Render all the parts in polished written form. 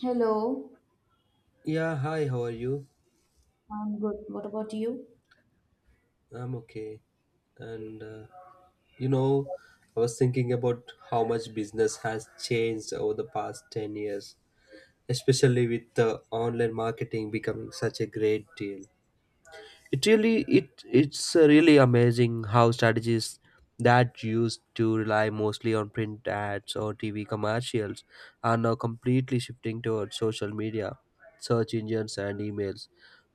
Hello, Yeah, hi, how are you? I'm good. What about you? I'm okay. And you know, I was thinking about how much business has changed over the past 10 years, especially with the online marketing becoming such a great deal. it really it's really amazing how strategies that used to rely mostly on print ads or TV commercials are now completely shifting towards social media, search engines, and emails.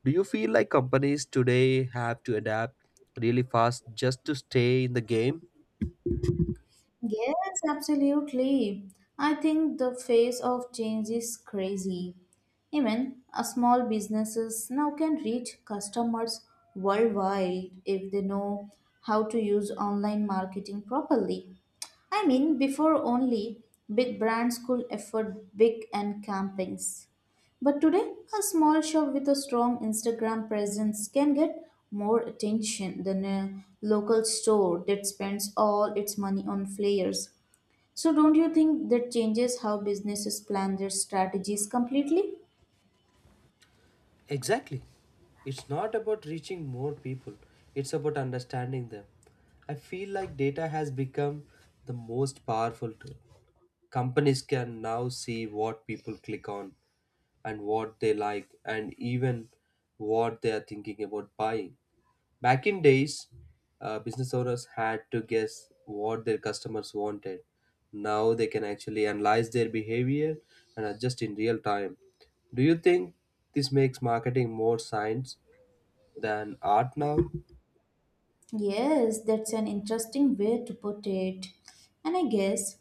Do you feel like companies today have to adapt really fast just to stay in the game? Yes, absolutely. I think the phase of change is crazy. Even a small businesses now can reach customers worldwide if they know how to use online marketing properly. I mean, before only big brands could afford big and campaigns. But today, a small shop with a strong Instagram presence can get more attention than a local store that spends all its money on flyers. So, don't you think that changes how businesses plan their strategies completely? Exactly. It's not about reaching more people, it's about understanding them. I feel like data has become the most powerful tool. Companies can now see what people click on and what they like and even what they are thinking about buying. Back in days, business owners had to guess what their customers wanted. Now they can actually analyze their behavior and adjust in real time. Do you think this makes marketing more science than art now? Yes, that's an interesting way to put it. And I guess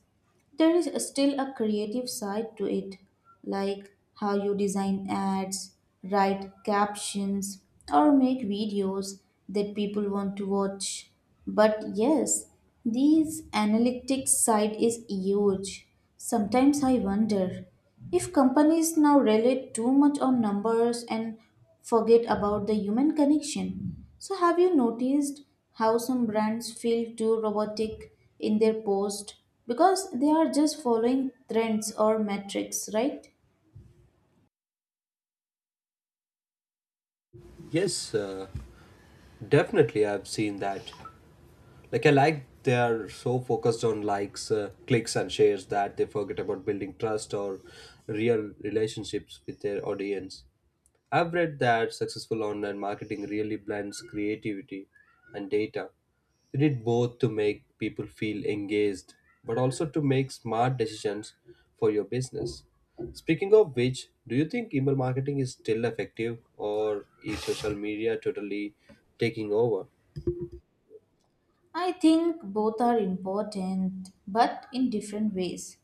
there is still a creative side to it, like how you design ads, write captions, or make videos that people want to watch. But yes, these analytics side is huge. Sometimes I wonder if companies now rely too much on numbers and forget about the human connection. So, have you noticed how some brands feel too robotic in their post because they are just following trends or metrics, right? Yes, definitely, I've seen that. Like they are so focused on likes, clicks, and shares that they forget about building trust or real relationships with their audience. I've read that successful online marketing really blends creativity and data. They need both to make people feel engaged, but also to make smart decisions for your business. Speaking of which, do you think email marketing is still effective or is social media totally taking over? I think both are important, but in different ways.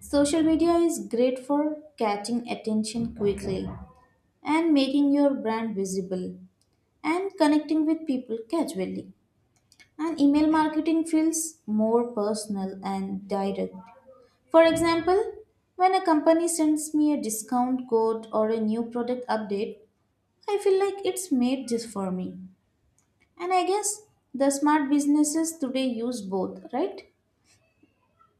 Social media is great for catching attention quickly and making your brand visible and connecting with people casually. And email marketing feels more personal and direct. For example, when a company sends me a discount code or a new product update, I feel like it's made just for me. And I guess the smart businesses today use both, right?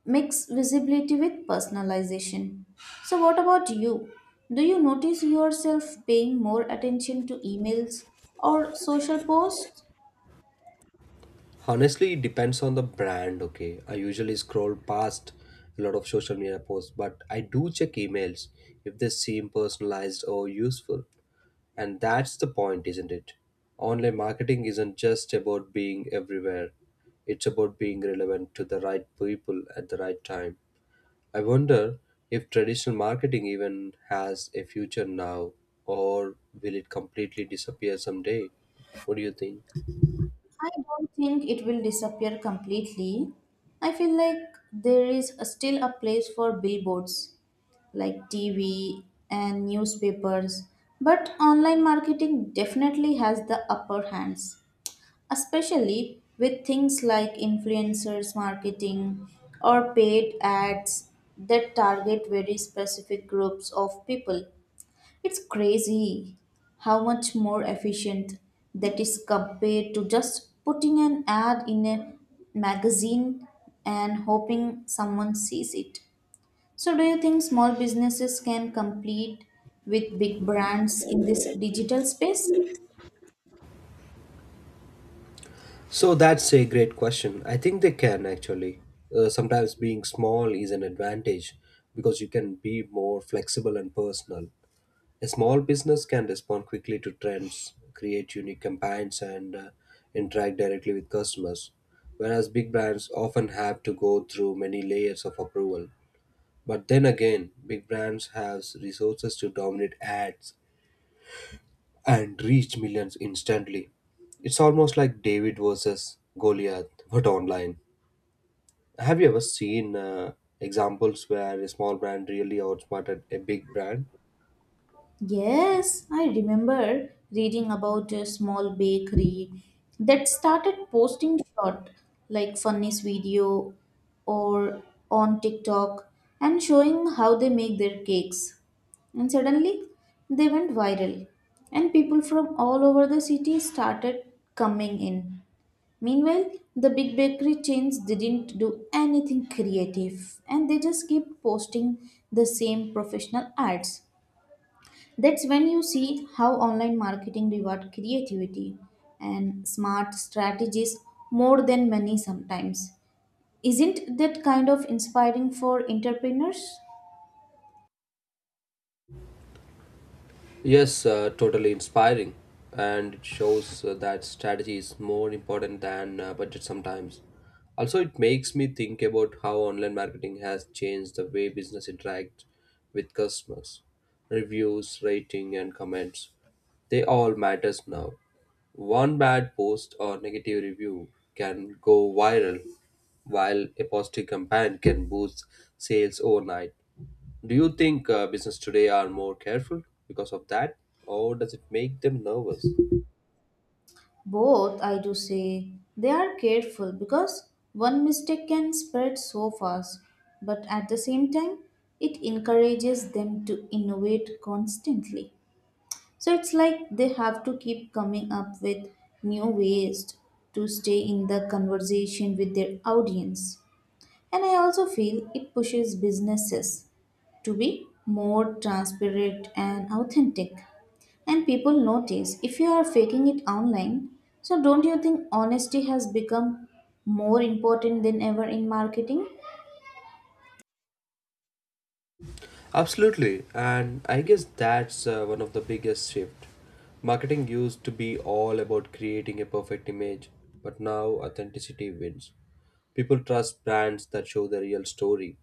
Mix visibility with personalization. So, what about you? Do you notice yourself paying more attention to emails or social posts? Honestly, it depends on the brand. Okay, I usually scroll past a lot of social media posts, but I do check emails if they seem personalized or useful. And that's the point, isn't it? Online marketing isn't just about being everywhere, it's about being relevant to the right people at the right time. I wonder if traditional marketing even has a future now, or will it completely disappear someday? What do you think? I don't think it will disappear completely. I feel like there is still a place for billboards, like TV and newspapers, but online marketing definitely has the upper hands, especially with things like influencers marketing or paid ads that target very specific groups of people. It's crazy how much more efficient that is compared to just putting an ad in a magazine and hoping someone sees it. So, do you think small businesses can compete with big brands in this digital space? So that's a great question. I think they can actually. Sometimes being small is an advantage because you can be more flexible and personal. A small business can respond quickly to trends, create unique campaigns, and interact directly with customers. Whereas big brands often have to go through many layers of approval. But then again, big brands have resources to dominate ads and reach millions instantly. It's almost like David versus Goliath, but online. Have you ever seen examples where a small brand really outsmarted a big brand? Yes, I remember reading about a small bakery that started posting short, like funniest video or on TikTok and showing how they make their cakes. And suddenly they went viral, and people from all over the city started coming in. Meanwhile, the big bakery chains didn't do anything creative and they just kept posting the same professional ads. That's when you see how online marketing reward creativity and smart strategies more than money sometimes. Isn't that kind of inspiring for entrepreneurs? Yes, totally inspiring. And it shows that strategy is more important than budget sometimes. Also, it makes me think about how online marketing has changed the way business interact with customers. Reviews, rating, and comments. They all matters now. One bad post or negative review can go viral, while a positive campaign can boost sales overnight. Do you think business today are more careful because of that, or does it make them nervous? Both, I do say. They are careful because one mistake can spread so fast, but at the same time, it encourages them to innovate constantly. So it's like they have to keep coming up with new ways to stay in the conversation with their audience. And I also feel it pushes businesses to be more transparent and authentic. And people notice if you are faking it online. So don't you think honesty has become more important than ever in marketing? Absolutely, and I guess that's one of the biggest shift. Marketing used to be all about creating a perfect image, but now authenticity wins. People trust brands that show the real story,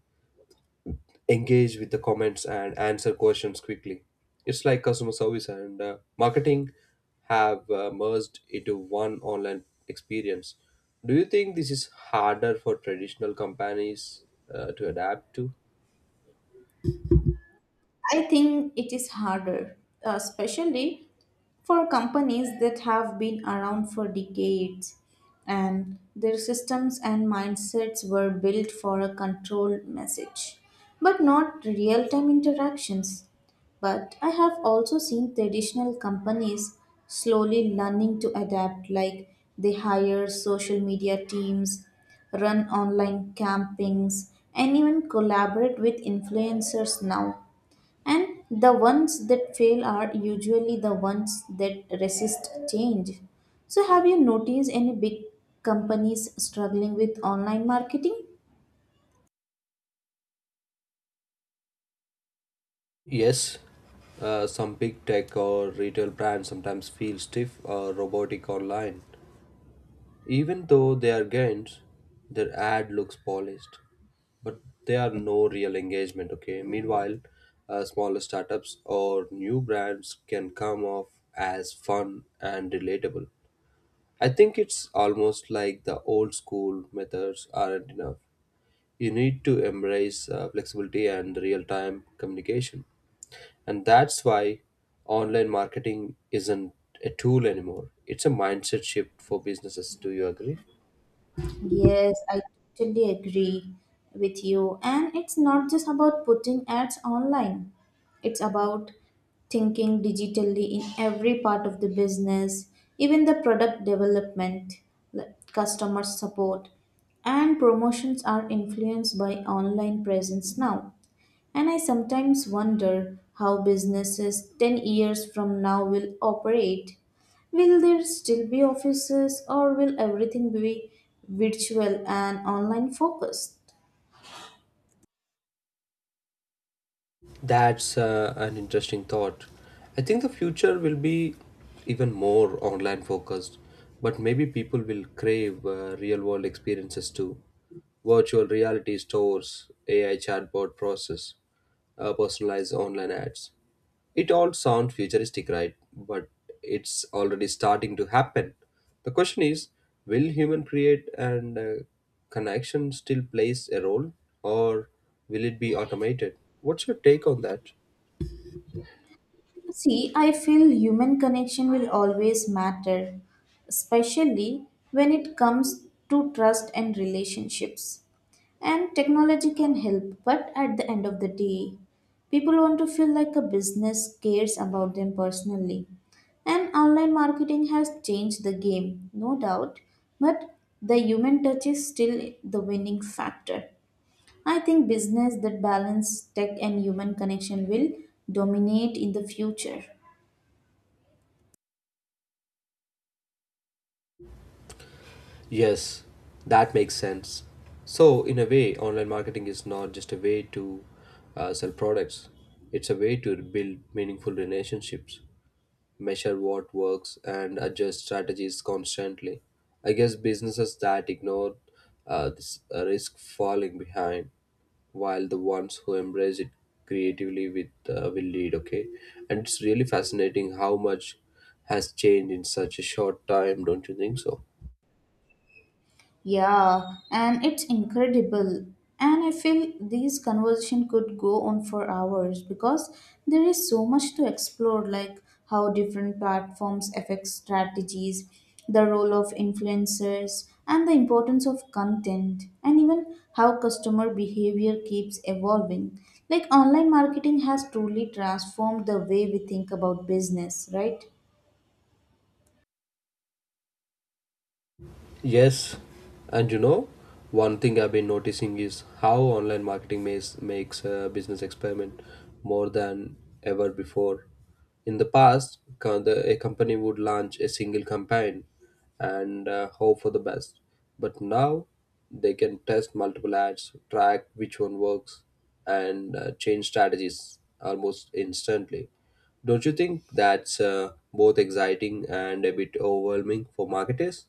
engage with the comments and answer questions quickly. It's like customer service and marketing have merged into one online experience. Do you think this is harder for traditional companies to adapt to? I think it is harder, especially for companies that have been around for decades and their systems and mindsets were built for a controlled message, but not real time interactions. But I have also seen traditional companies slowly learning to adapt, like they hire social media teams, run online campings, and even collaborate with influencers now and the ones that fail are usually the ones that resist change. So, have you noticed any big companies struggling with online marketing? Yes, some big tech or retail brands sometimes feel stiff or robotic online. Even though they are gains, their ad looks polished, but they are no real engagement. Okay. Meanwhile, smaller startups or new brands can come off as fun and relatable. I think it's almost like the old school methods aren't enough. You need to embrace flexibility and real time communication. And that's why online marketing isn't a tool anymore. It's a mindset shift for businesses. Do you agree? Yes, I totally agree with you. And it's not just about putting ads online, it's about thinking digitally in every part of the business, even the product development, like customer support, and promotions are influenced by online presence now. And I sometimes wonder how businesses 10 years from now will operate. Will there still be offices or will everything be virtual and online focused? That's an interesting thought. I think the future will be even more online focused, but maybe people will crave real world experiences too. Virtual reality stores, AI chatbot process, personalized online ads. It all sounds futuristic, right? But it's already starting to happen. The question is, will human create and connection still plays a role, or will it be automated? What's your take on that? See, I feel human connection will always matter, especially when it comes to trust and relationships. And technology can help, but at the end of the day, people want to feel like a business cares about them personally. And online marketing has changed the game, no doubt, but the human touch is still the winning factor. I think business that balance tech and human connection will dominate in the future. Yes, that makes sense. So, in a way, online marketing is not just a way to sell products; it's a way to build meaningful relationships, measure what works, and adjust strategies constantly. I guess businesses that ignore this risk falling behind, while the ones who embrace it creatively with will lead. Okay, and it's really fascinating how much has changed in such a short time. Don't you think so? Yeah, and it's incredible. And I feel these conversation could go on for hours because there is so much to explore, like how different platforms affect strategies, the role of influencers, and the importance of content, and even how customer behavior keeps evolving. Like online marketing has truly transformed the way we think about business, right? Yes, and one thing I've been noticing is how online marketing makes a business experiment more than ever before. In the past, a company would launch a single campaign and hope for the best, but now they can test multiple ads, track which one works, and change strategies almost instantly. Don't you think that's both exciting and a bit overwhelming for marketers?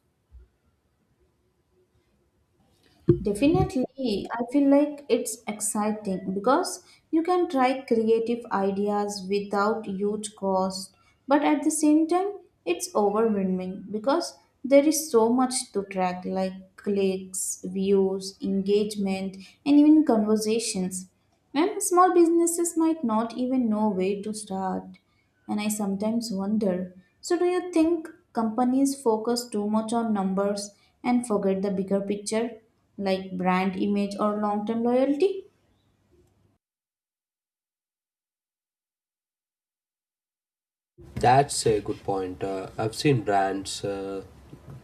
Definitely, I feel like it's exciting because you can try creative ideas without huge cost, but at the same time, it's overwhelming because there is so much to track like clicks, views, engagement, and even conversations. And small businesses might not even know where to start. And I sometimes wonder so, do you think companies focus too much on numbers and forget the bigger picture, like brand image or long term loyalty? That's a good point. I've seen brands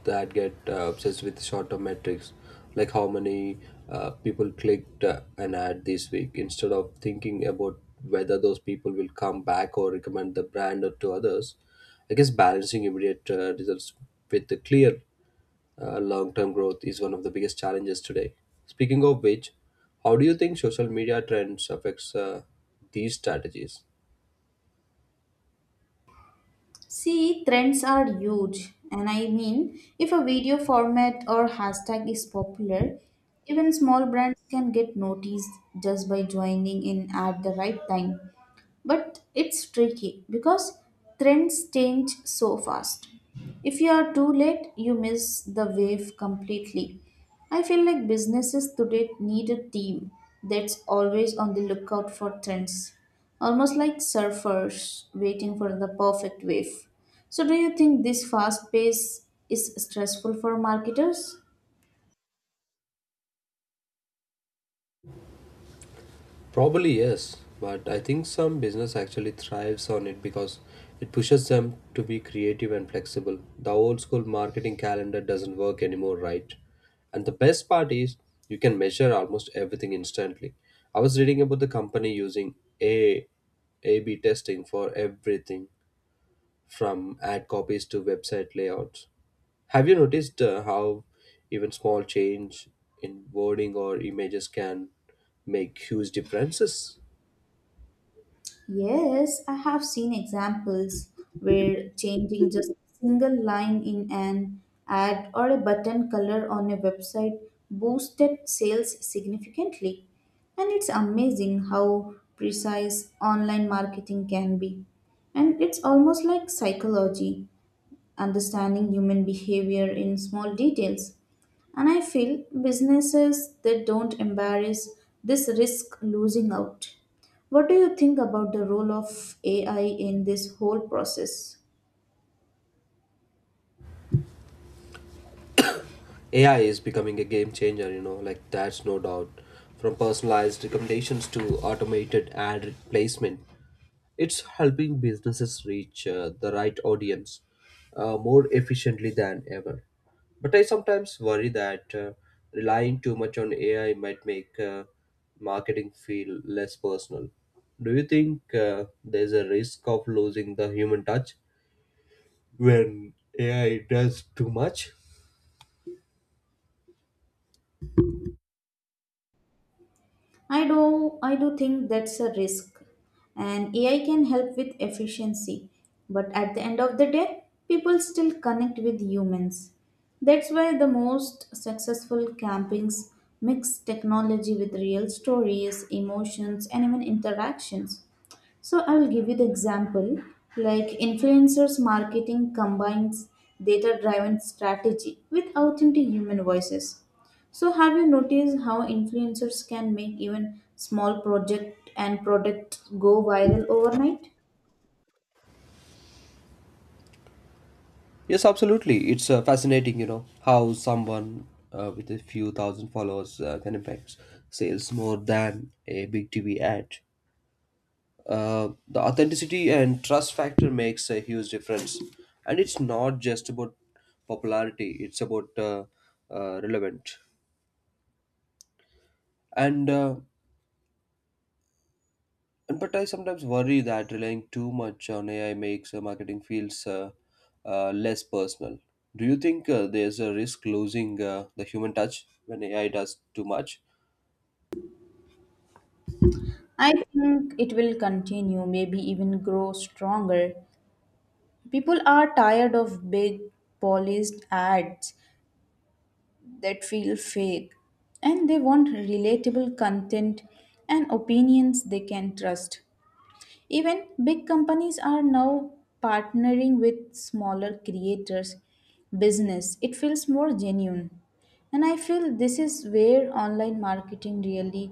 that get obsessed with short-term metrics, like how many people clicked an ad this week, instead of thinking about whether those people will come back or recommend the brand to others. I guess balancing immediate results with the clear long-term growth is one of the biggest challenges today. Speaking of which, how do you think social media trends affects these strategies? See, trends are huge. And I mean, if a video format or hashtag is popular, even small brands can get noticed just by joining in at the right time. But it's tricky because trends change so fast. If you are too late, you miss the wave completely. I feel like businesses today need a team that's always on the lookout for trends, almost like surfers waiting for the perfect wave. So, do you think this fast pace is stressful for marketers? Probably yes, but I think some business actually thrives on it because it pushes them to be creative and flexible. The old school marketing calendar doesn't work anymore, right? And the best part is you can measure almost everything instantly. I was reading about the company using A A/B testing for everything from ad copies to website layouts. Have you noticed how even small change in wording or images can make huge differences? Yes, I have seen examples where changing just a single line in an ad or a button color on a website boosted sales significantly. And it's amazing how precise online marketing can be. And it's almost like psychology, understanding human behavior in small details. And I feel businesses that don't embrace this risk losing out. What do you think about the role of AI in this whole process? AI is becoming a game changer, like that's no doubt. From personalized recommendations to automated ad placement, it's helping businesses reach the right audience more efficiently than ever. But I sometimes worry that relying too much on AI might make marketing feel less personal. Do you think there's a risk of losing the human touch when AI does too much? I do think that's a risk. And AI can help with efficiency, but at the end of the day, people still connect with humans. That's why the most successful campings mix technology with real stories, emotions, and even interactions. So I will give you the example like influencers marketing combines data driven strategy with authentic human voices. So have you noticed how influencers can make even small project and product go viral overnight? Yes, absolutely. It's fascinating, how someone with a few thousand followers can impact sales more than a big TV ad. The authenticity and trust factor makes a huge difference, and it's not just about popularity; it's about relevant. And uh, And but I sometimes worry that relying too much on AI makes marketing feels less personal. Do you think there's a risk losing the human touch when AI does too much? I think it will continue, maybe even grow stronger. People are tired of big polished ads that feel fake and they want relatable content and opinions they can trust. Even big companies are now partnering with smaller creators business. It feels more genuine. And I feel this is where online marketing really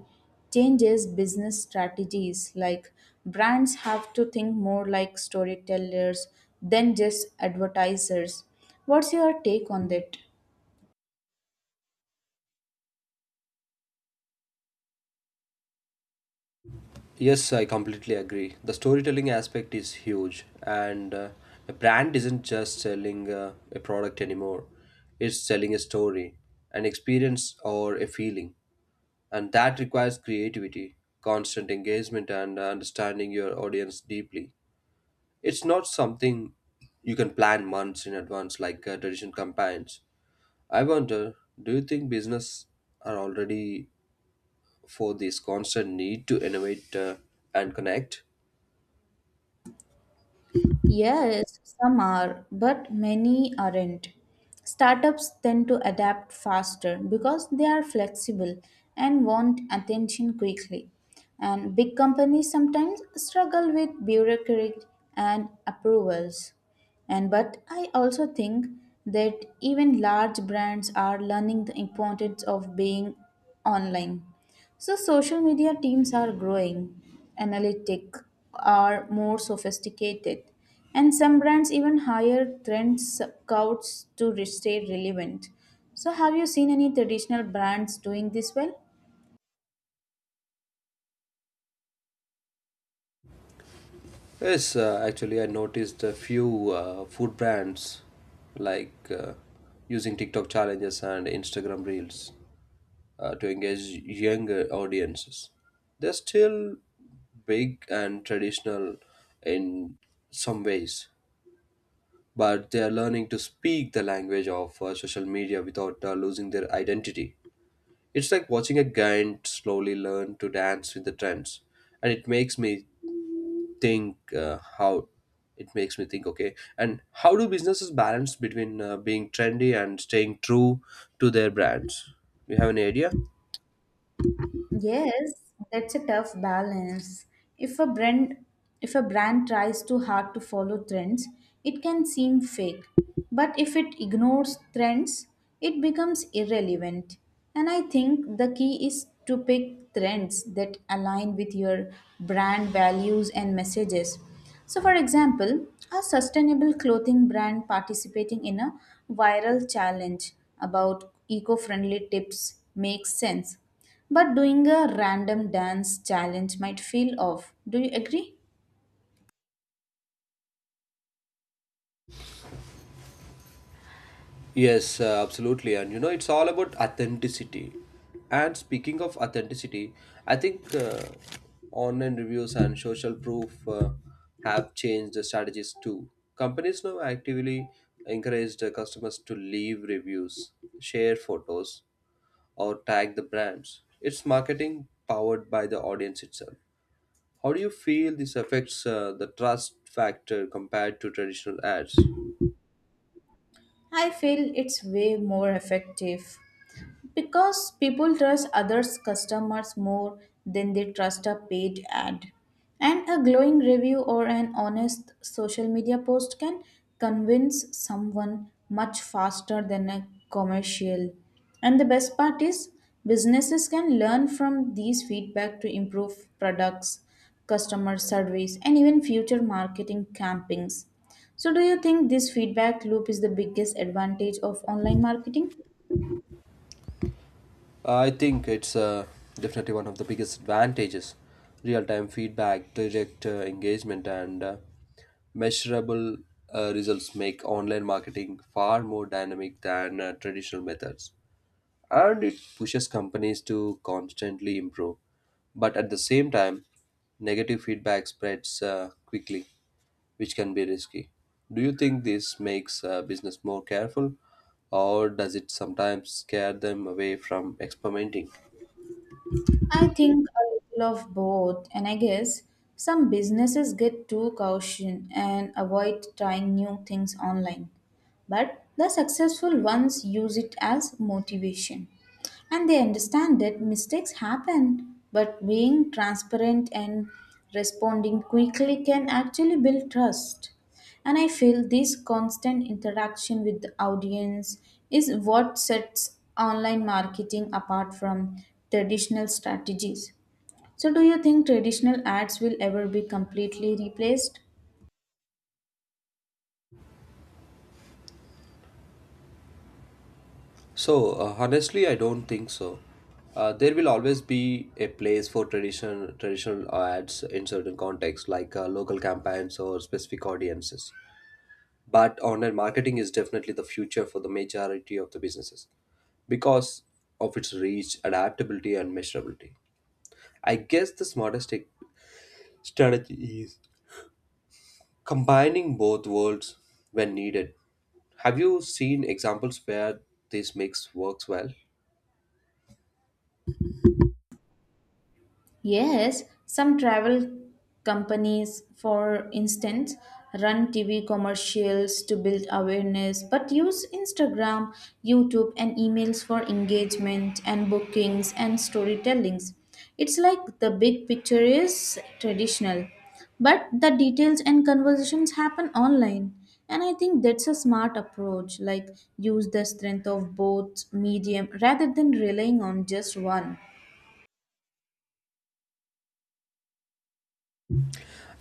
changes business strategies. Like brands have to think more like storytellers than just advertisers. What's your take on that? Yes, I completely agree. The storytelling aspect is huge, and a brand isn't just selling a product anymore. It's selling a story, an experience, or a feeling, and that requires creativity, constant engagement, and understanding your audience deeply. It's not something you can plan months in advance like traditional campaigns. I wonder, do you think business are already for this constant need to innovate and connect? Yes, some are, but many aren't. Startups tend to adapt faster because they are flexible and want attention quickly. And big companies sometimes struggle with bureaucracy and approvals. And but I also think that even large brands are learning the importance of being online. So social media teams are growing, analytic are more sophisticated, and some brands even hire trend scouts to stay relevant. So have you seen any traditional brands doing this well? Yes, actually, I noticed a few food brands like using TikTok challenges and Instagram reels to engage younger audiences. They're still big and traditional in some ways, but they are learning to speak the language of social media without losing their identity. It's like watching a giant slowly learn to dance with the trends, and it makes me think, okay, and how do businesses balance between being trendy and staying true to their brands. You have any idea? Yes, that's a tough balance. If a brand if a brand tries too hard to follow trends, it can seem fake. But if it ignores trends, it becomes irrelevant. And I think the key is to pick trends that align with your brand values and messages. So, for example, a sustainable clothing brand participating in a viral challenge about eco friendly tips makes sense. But doing a random dance challenge might feel off. Do you agree? Yes, absolutely. And it's all about authenticity. And speaking of authenticity, I think online reviews and social proof have changed the strategies too. Companies now actively encourage the customers to leave reviews, share photos, or tag the brands. It's marketing powered by the audience itself. How do you feel this affects the trust factor compared to traditional ads? I feel it's way more effective. Because people trust others' customers more than they trust a paid ad. And a glowing review or an honest social media post can convince someone much faster than a commercial. And the best part is, businesses can learn from these feedback to improve products, customer service, and even future marketing campaigns. So, do you think this feedback loop is the biggest advantage of online marketing? I think it's definitely one of the biggest advantages. Real time feedback, direct engagement, and measurable results make online marketing far more dynamic than traditional methods. And it pushes companies to constantly improve. But at the same time, negative feedback spreads quickly, which can be risky. Do you think this makes business more careful, or does it sometimes scare them away from experimenting? I think a little of both, and I guess some businesses get too cautious and avoid trying new things online. But the successful ones use it as motivation. And they understand that mistakes happen, but being transparent and responding quickly can actually build trust. And I feel this constant interaction with the audience is what sets online marketing apart from traditional strategies. So, do you think traditional ads will ever be completely replaced? So, honestly, I don't think so. There will always be a place for traditional ads in certain contexts, like local campaigns or specific audiences. But online marketing is definitely the future for the majority of the businesses because of its reach, adaptability, and measurability. I guess the smartest strategy is combining both worlds when needed. Have you seen examples where this mix works well? Yes, some travel companies, for instance, run TV commercials to build awareness, but use Instagram, YouTube, and emails for engagement and bookings and storytellings. It's like the big picture is traditional, but the details and conversations happen online. And I think that's a smart approach, like use the strength of both medium rather than relying on just one.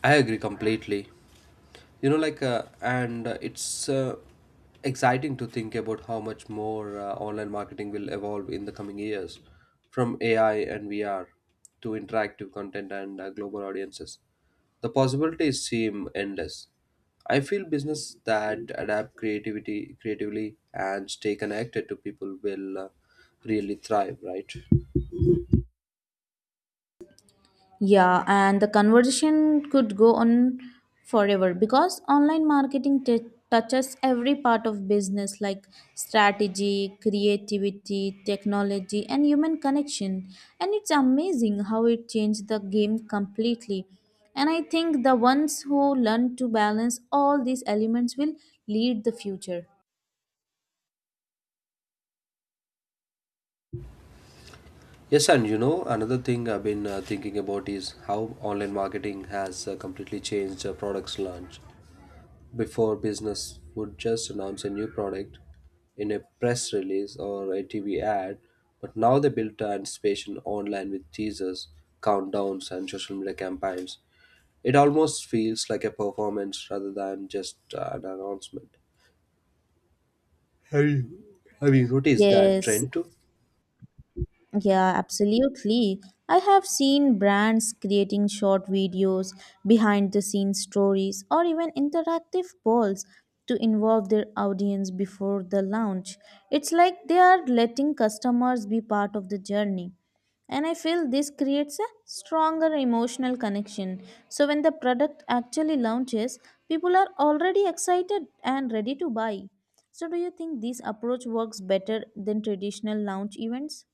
I agree completely. Like, and it's exciting to think about how much more online marketing will evolve in the coming years from AI and VR to interactive content and global audiences. The possibilities seem endless. I feel business that adapt creativity creatively and stay connected to people will really thrive, right? Yeah, and the conversation could go on forever because online marketing touches every part of business like strategy, creativity, technology, and human connection. And it's amazing how it changed the game completely. And I think the ones who learn to balance all these elements will lead the future. Yes, and another thing I've been thinking about is how online marketing has completely changed products launch. Before business would just announce a new product in a press release or a TV ad, but now they built an anticipation online with teasers, countdowns, and social media campaigns. It almost feels like a performance rather than just an announcement. Have you, have you noticed that Yes. trend too? Yeah, absolutely. I have seen brands creating short videos, behind the scenes stories, or even interactive polls to involve their audience before the launch. It's like they are letting customers be part of the journey. And I feel this creates a stronger emotional connection. So when the product actually launches, people are already excited and ready to buy. So do you think this approach works better than traditional launch events?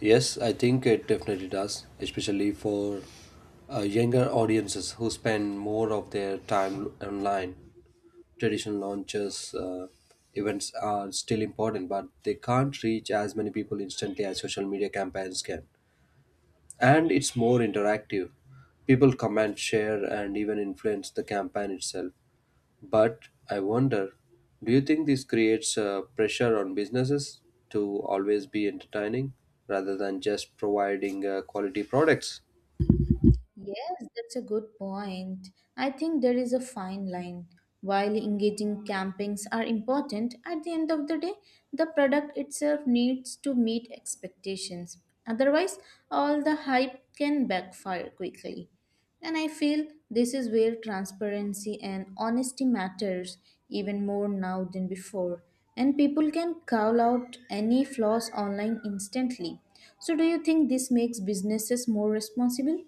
Yes, I think it definitely does, especially for younger audiences who spend more of their time online. Traditional launches events are still important, but they can't reach as many people instantly as social media campaigns can, and it's more interactive. People comment, share, and even influence the campaign itself, but I wonder, do you think this creates pressure on businesses to always be entertaining rather than just providing quality products? Yes, that's a good point. I think there is a fine line. While engaging campings are important, at the end of the day, the product itself needs to meet expectations. Otherwise, all the hype can backfire quickly. And I feel this is where transparency and honesty matters even more now than before. And people can call out any flaws online instantly. So, do you think this makes businesses more responsible?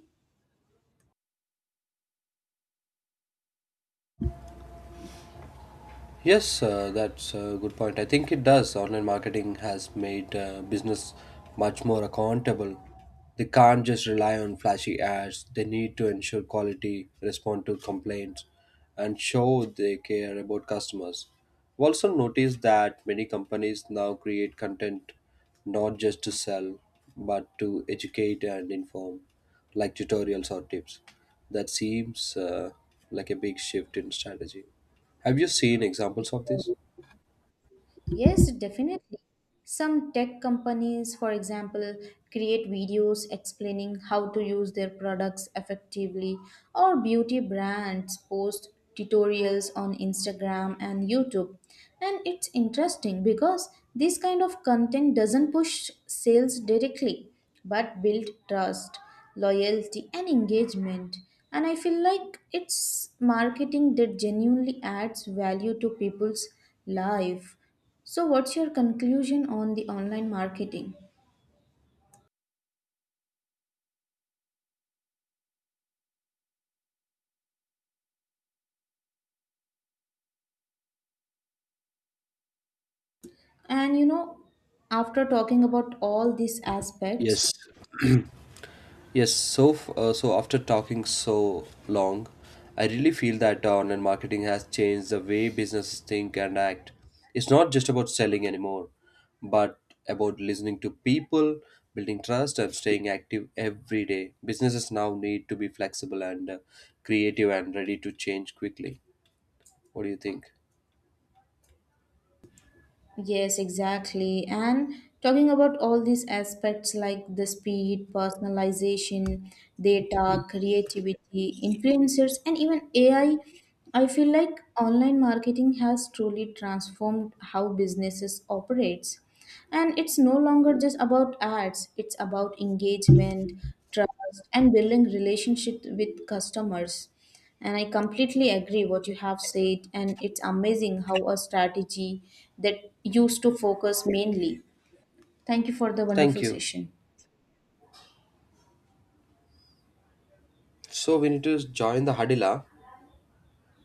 Yes, that's a good point. I think it does. Online marketing has made business much more accountable. They can't just rely on flashy ads. They need to ensure quality, respond to complaints, and show they care about customers. I've also noticed that many companies now create content not just to sell, but to educate and inform, like tutorials or tips. That seems like a big shift in strategy. Have you seen examples of this? Yes. Yes, definitely. Some tech companies, for example, create videos explaining how to use their products effectively, or beauty brands post tutorials on Instagram and YouTube. And it's interesting because this kind of content doesn't push sales directly but build trust, loyalty, and engagement. And I feel like it's marketing that genuinely adds value to people's life. So, what's your conclusion on the online marketing? And you know, after talking about all these aspects, Yes, Yes, so after talking so long, I really feel that online marketing has changed the way businesses think and act. It's not just about selling anymore, but about listening to people, building trust, and staying active every day. Businesses now need to be flexible and creative and ready to change quickly. What do you think? yes, exactly. And talking about all these aspects like the speed, personalization, data, creativity, influencers, and even AI, I feel like online marketing has truly transformed how businesses operates. And it's no longer just about ads, it's about engagement, trust, and building relationship with customers. And I completely agree what you have said, and it's amazing how a strategy that used to focus mainly. Thank you for the wonderful Thank you. session. So we need to join the huddle. Ah?